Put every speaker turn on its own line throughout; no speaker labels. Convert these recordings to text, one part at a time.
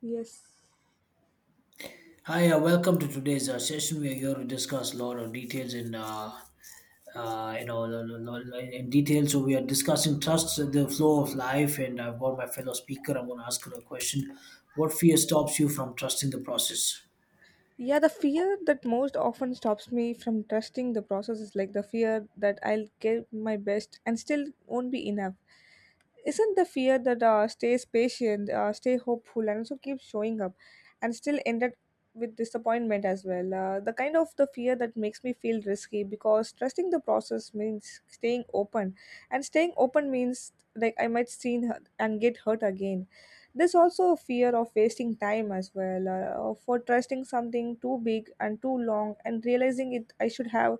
Yes.
Hi, welcome to today's session. We are here to discuss a lot of details in, you know, lo- lo- lo- in detail. So we are discussing trust, the flow of life, and I've got my fellow speaker. I'm going to ask her a question. What fear stops you from trusting the process?
Yeah, the fear that most often stops me from trusting the process is like the fear that I'll give my best and still won't be enough. Isn't the fear that stays patient, stay hopeful, and also keep showing up, and still ended with disappointment as well. The kind of the fear that makes me feel risky because trusting the process means staying open, and staying open means like I might seen her and get hurt again. There's also a fear of wasting time as well, for trusting something too big and too long, and realizing it I should have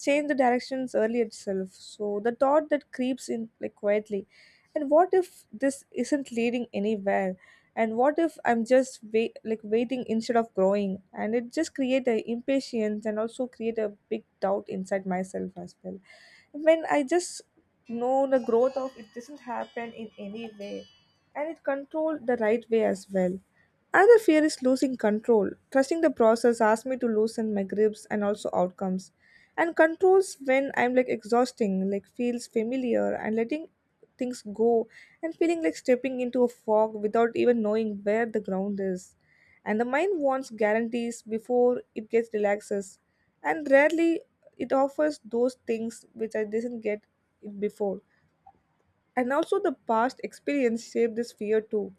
changed the directions earlier itself. So the thought that creeps in like quietly, and what if this isn't leading anywhere, and what if I'm just wait, like waiting instead of growing, and it just create a impatience and also create a big doubt inside myself as well when I just know the growth of it doesn't happen in any way and it control the right way as well. Another fear is losing control. Trusting the process asks me to loosen my grips and also outcomes. And controls when I'm like exhausting, like feels familiar and letting things go and feeling like stepping into a fog without even knowing where the ground is. And the mind wants guarantees before it gets relaxes. And rarely it offers those things which I didn't get it before, and also the past experience shape this fear too.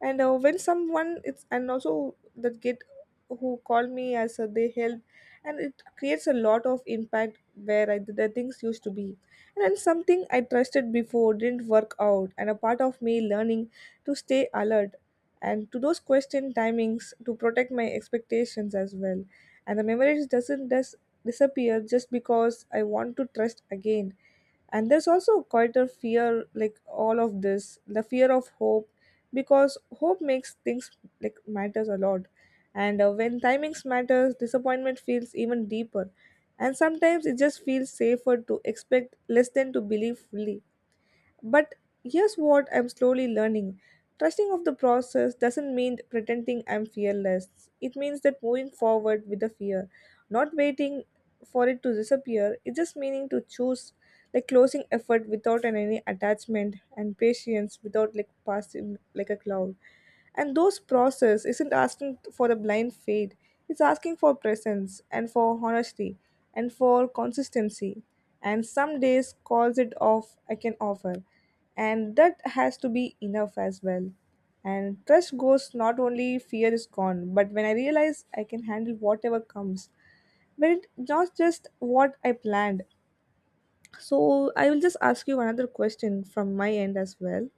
And when someone it's and also that kid who called me as they help, and it creates a lot of impact where I, the things used to be, and then something I trusted before didn't work out and a part of me learning to stay alert and to those question timings to protect my expectations as well. And the memories doesn't just disappear just because I want to trust again. And there's also quite a fear like all of this, the fear of hope, because hope makes things like matters a lot. And when timings matters disappointment feels even deeper, and sometimes it just feels safer to expect less than to believe fully. But here's what I'm slowly learning. Trusting of the process doesn't mean pretending I'm fearless, it means that moving forward with the fear, not waiting for it to disappear. It's just meaning to choose, like closing effort without any attachment, and patience without like passing like a cloud. And those process isn't asking for a blind fade, it's asking for presence and for honesty and for consistency. And some days calls it off I can offer, and that has to be enough as well. And trust goes not only fear is gone, but when I realize I can handle whatever comes, but not just what I planned. So I will just ask you another question from my end as well.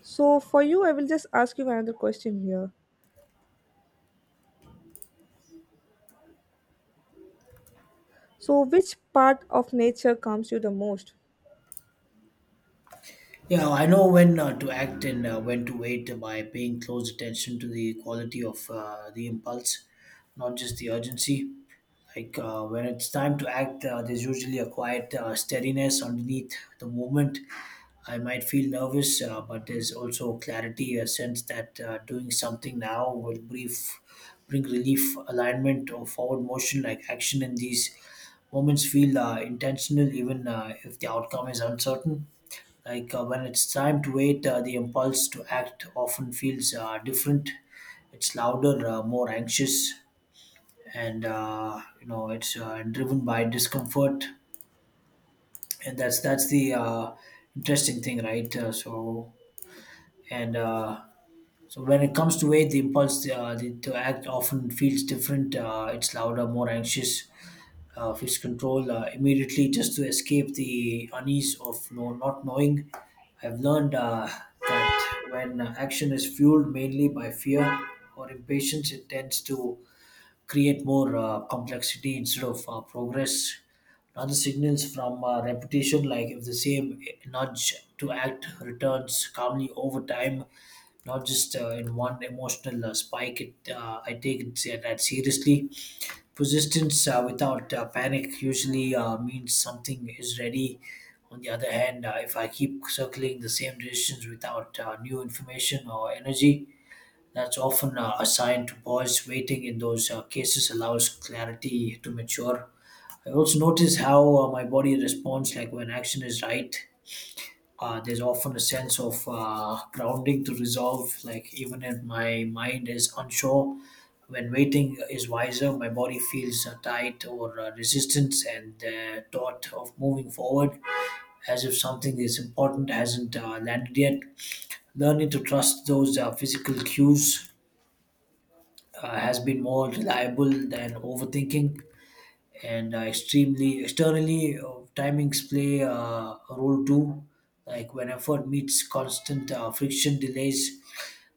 So for you, I will just ask you another question here. So which part of nature calms you the most?
Yeah, I know when to act and when to wait by paying close attention to the quality of the impulse, not just the urgency. Like when it's time to act, there's usually a quiet steadiness underneath the movement. I might feel nervous, but there's also clarity, a sense that doing something now will bring relief, alignment, or forward motion. Like action in these moments feel intentional, even if the outcome is uncertain. Like when it's time to wait, the impulse to act often feels different. It's louder, more anxious, and it's driven by discomfort, and that's the interesting thing, right? And uh, so when it comes to weight, the impulse to act often feels different. It's louder, more anxious, feels control immediately, just to escape the unease of not knowing. I've learned that when action is fueled mainly by fear or impatience, it tends to create more complexity instead of progress. Another signals from repetition, like if the same nudge to act returns calmly over time, not just in one emotional spike. I take that seriously. Persistence without panic usually means something is ready. On the other hand, if I keep circling the same decisions without new information or energy, that's often assigned to boys. Waiting in those cases allows clarity to mature. I also notice how my body responds, like when action is right. There's often a sense of grounding to resolve, like even if my mind is unsure. When waiting is wiser, my body feels tight or resistance, and the thought of moving forward as if something is important hasn't landed yet. Learning to trust those physical cues has been more reliable than overthinking, and extremely externally timings play a role too, like when effort meets constant friction, delays,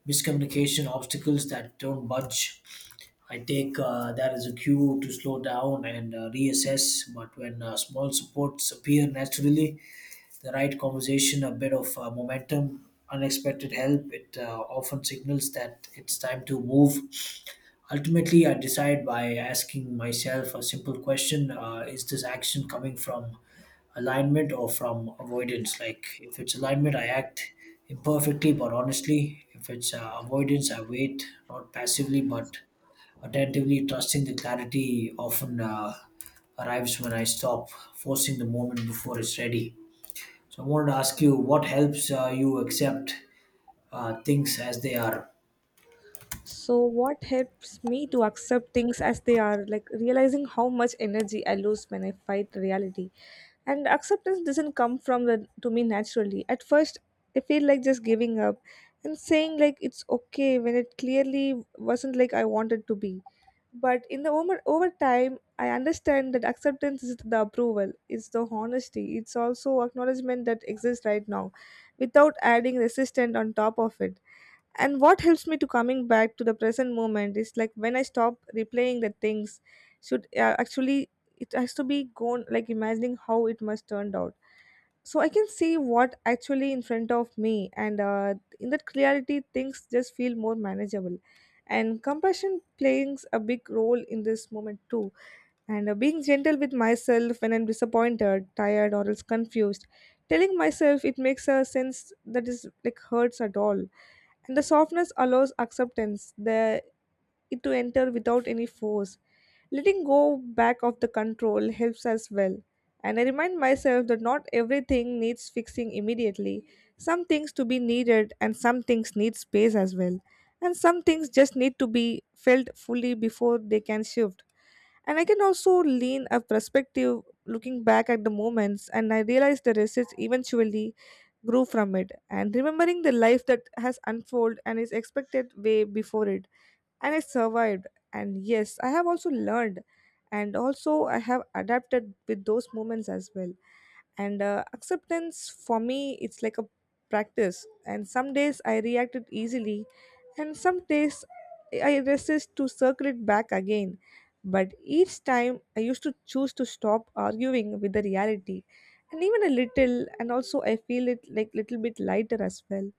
miscommunication, obstacles that don't budge. I take that as a cue to slow down and reassess. But when small supports appear naturally, the right conversation, a bit of momentum, unexpected help, it often signals that it's time to move. Ultimately, I decide by asking myself a simple question: is this action coming from alignment or from avoidance? Like, if it's alignment, I act imperfectly but honestly. If it's avoidance, I wait, not passively but attentively, trusting the clarity often arrives when I stop forcing the moment before it's ready. So, I wanted to ask you, what helps you accept things as they are?
So what helps me to accept things as they are, like realizing how much energy I lose when I fight reality. And acceptance doesn't come from the to me naturally. At first I feel like just giving up and saying like it's okay when it clearly wasn't like I wanted to be. But in the over time I understand that acceptance is the approval, it's the honesty, it's also acknowledgement that exists right now without adding resistance on top of it. And what helps me to coming back to the present moment is like when I stop replaying the things should actually it has to be gone, like imagining how it must turned out so I can see what actually in front of me. And in that clarity things just feel more manageable. And compassion plays a big role in this moment too. And being gentle with myself when I'm disappointed, tired, or else confused, telling myself it makes a sense that is like hurts at all. And the softness allows acceptance the it to enter without any force. Letting go back of the control helps as well. And I remind myself that not everything needs fixing immediately. Some things to be needed and some things need space as well. And some things just need to be felt fully before they can shift. And I can also lean a perspective, looking back at the moments, and I realize the research eventually grew from it and remembering the life that has unfolded and is expected way before it, and I survived. And yes, I have also learned, and also I have adapted with those moments as well. And acceptance for me, it's like a practice. And some days I reacted easily, and some days I resist to circle it back again. But each time I used to choose to stop arguing with the reality, and even a little, and also I feel it like little bit lighter as well.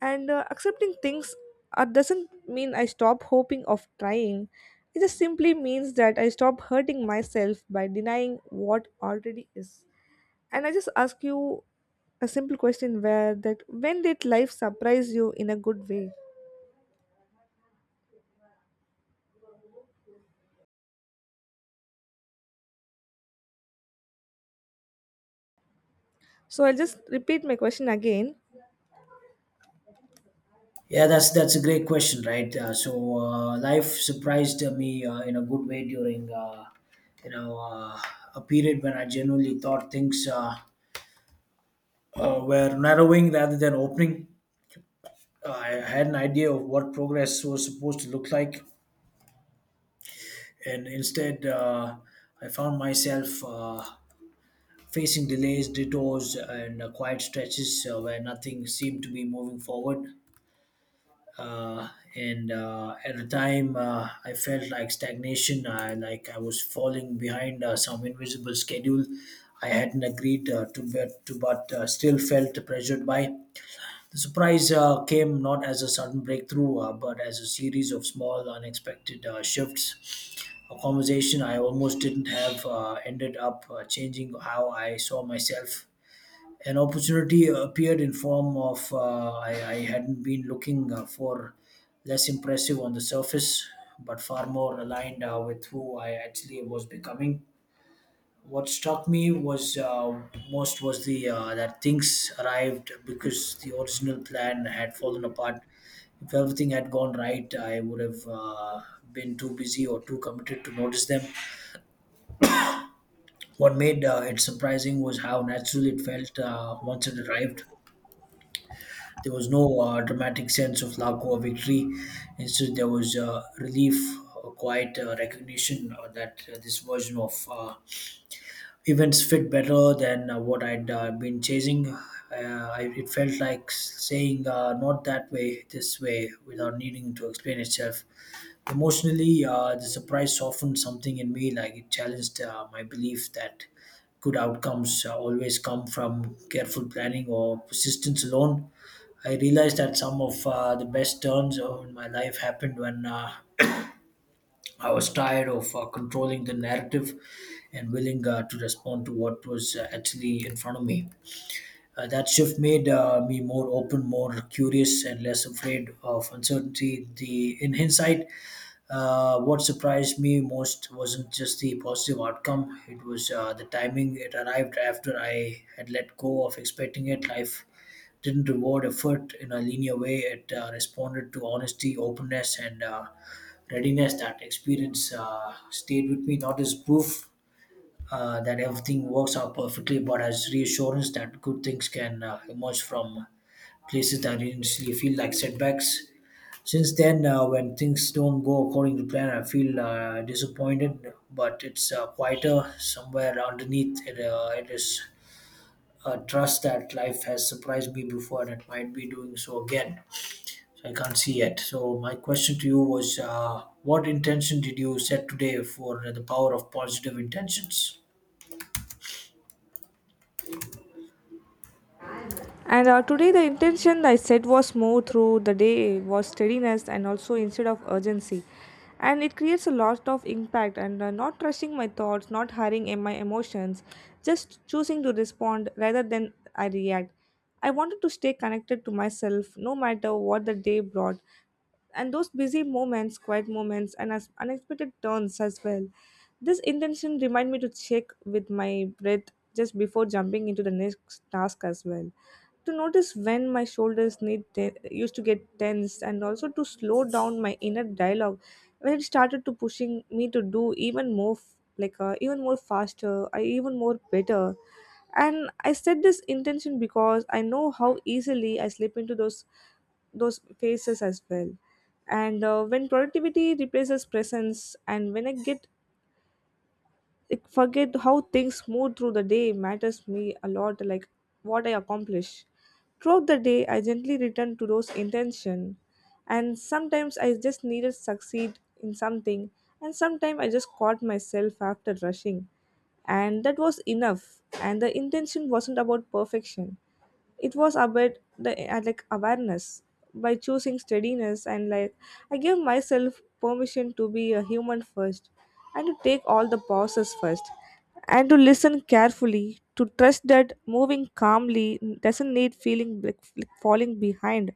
And accepting things doesn't mean I stop hoping of trying, it just simply means that I stop hurting myself by denying what already is. And I just ask you a simple question where that when did life surprise you in a good way. So I'll just repeat my question again.
Yeah, that's a great question, right? Life surprised me in a good way during you know uh, a period when I genuinely thought things were narrowing rather than opening. I had an idea of what progress was supposed to look like, and instead I found myself facing delays, detours, and quiet stretches where nothing seemed to be moving forward. Uh, and At the time I felt like stagnation, I was falling behind some invisible schedule I hadn't agreed to, but still felt pressured by. The surprise came not as a sudden breakthrough but as a series of small unexpected shifts. A conversation I almost didn't have ended up changing how I saw myself. An opportunity appeared in form of I hadn't been looking for, less impressive on the surface but far more aligned with who I actually was becoming. What struck me was most was the that things arrived because the original plan had fallen apart. If everything had gone right, I would have been too busy or too committed to notice them. What made it surprising was how natural it felt once it arrived. There was no dramatic sense of lack or victory. Instead, there was relief, a quiet recognition that this version of events fit better than what I'd been chasing. It felt like saying, not that way, this way, without needing to explain itself. Emotionally, the surprise softened something in me, like it challenged my belief that good outcomes always come from careful planning or persistence alone. I realized that some of the best turns in my life happened when I was tired of controlling the narrative and willing to respond to what was actually in front of me. That shift made me more open, more curious, and less afraid of uncertainty. The in hindsight, what surprised me most wasn't just the positive outcome; it was the timing. It arrived after I had let go of expecting it. Life didn't reward effort in a linear way. It responded to honesty, openness, and readiness. That experience stayed with me, not as proof that everything works out perfectly, but as reassurance that good things can emerge from places that initially feel like setbacks. Since then, when things don't go according to plan, I feel disappointed, but it's quieter somewhere underneath. It is trust that life has surprised me before and it might be doing so again. So I can't see yet. So my question to you was, what intention did you set today for the power of positive intentions?
And today, the intention I set was more through the day was steadiness and also instead of urgency. And it creates a lot of impact. And not rushing my thoughts, not hurrying in my emotions, just choosing to respond rather than I react. I wanted to stay connected to myself no matter what the day brought. And those busy moments, quiet moments, and as unexpected turns as well. This intention remind me to check with my breath just before jumping into the next task as well, to notice when my shoulders used to get tense, and also to slow down my inner dialogue when it started to pushing me to do even more even more faster I even more better. And I set this intention because I know how easily I slip into those phases as well. And when productivity replaces presence, and when I get like forget how things move through the day matters me a lot, like what I accomplish throughout the day I gently return to those intention. And sometimes I just needed succeed in something, and sometimes I just caught myself after rushing, and that was enough. And the intention wasn't about perfection, it was about the like awareness. By choosing steadiness and like I gave myself permission to be a human first, and to take all the pauses first, and to listen carefully, to trust that moving calmly doesn't need feeling like falling behind.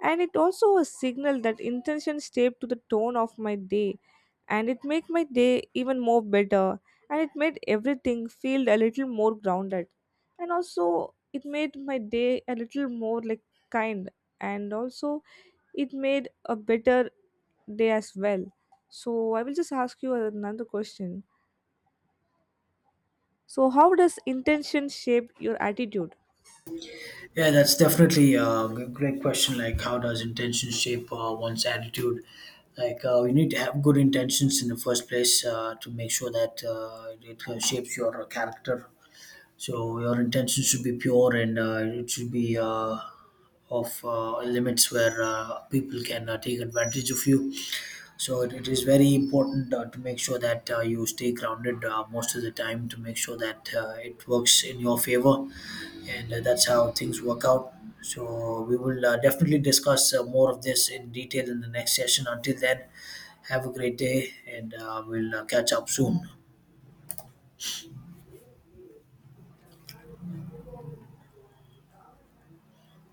And it also a signal that intention shaped to the tone of my day, and it made my day even more better, and it made everything feel a little more grounded, and also it made my day a little more like kind, and also it made a better day as well. So I will just ask you another question so, how does intention shape your attitude?
Yeah, that's definitely a great question. Like, how does intention shape one's attitude? Like, you need to have good intentions in the first place to make sure that it shapes your character. So your intention should be pure, and it should be of limits where people can take advantage of you. So it is very important to make sure that you stay grounded most of the time to make sure that it works in your favor, and that's how things work out. So we will definitely discuss more of this in detail in the next session. Until then, have a great day, and we'll catch up soon.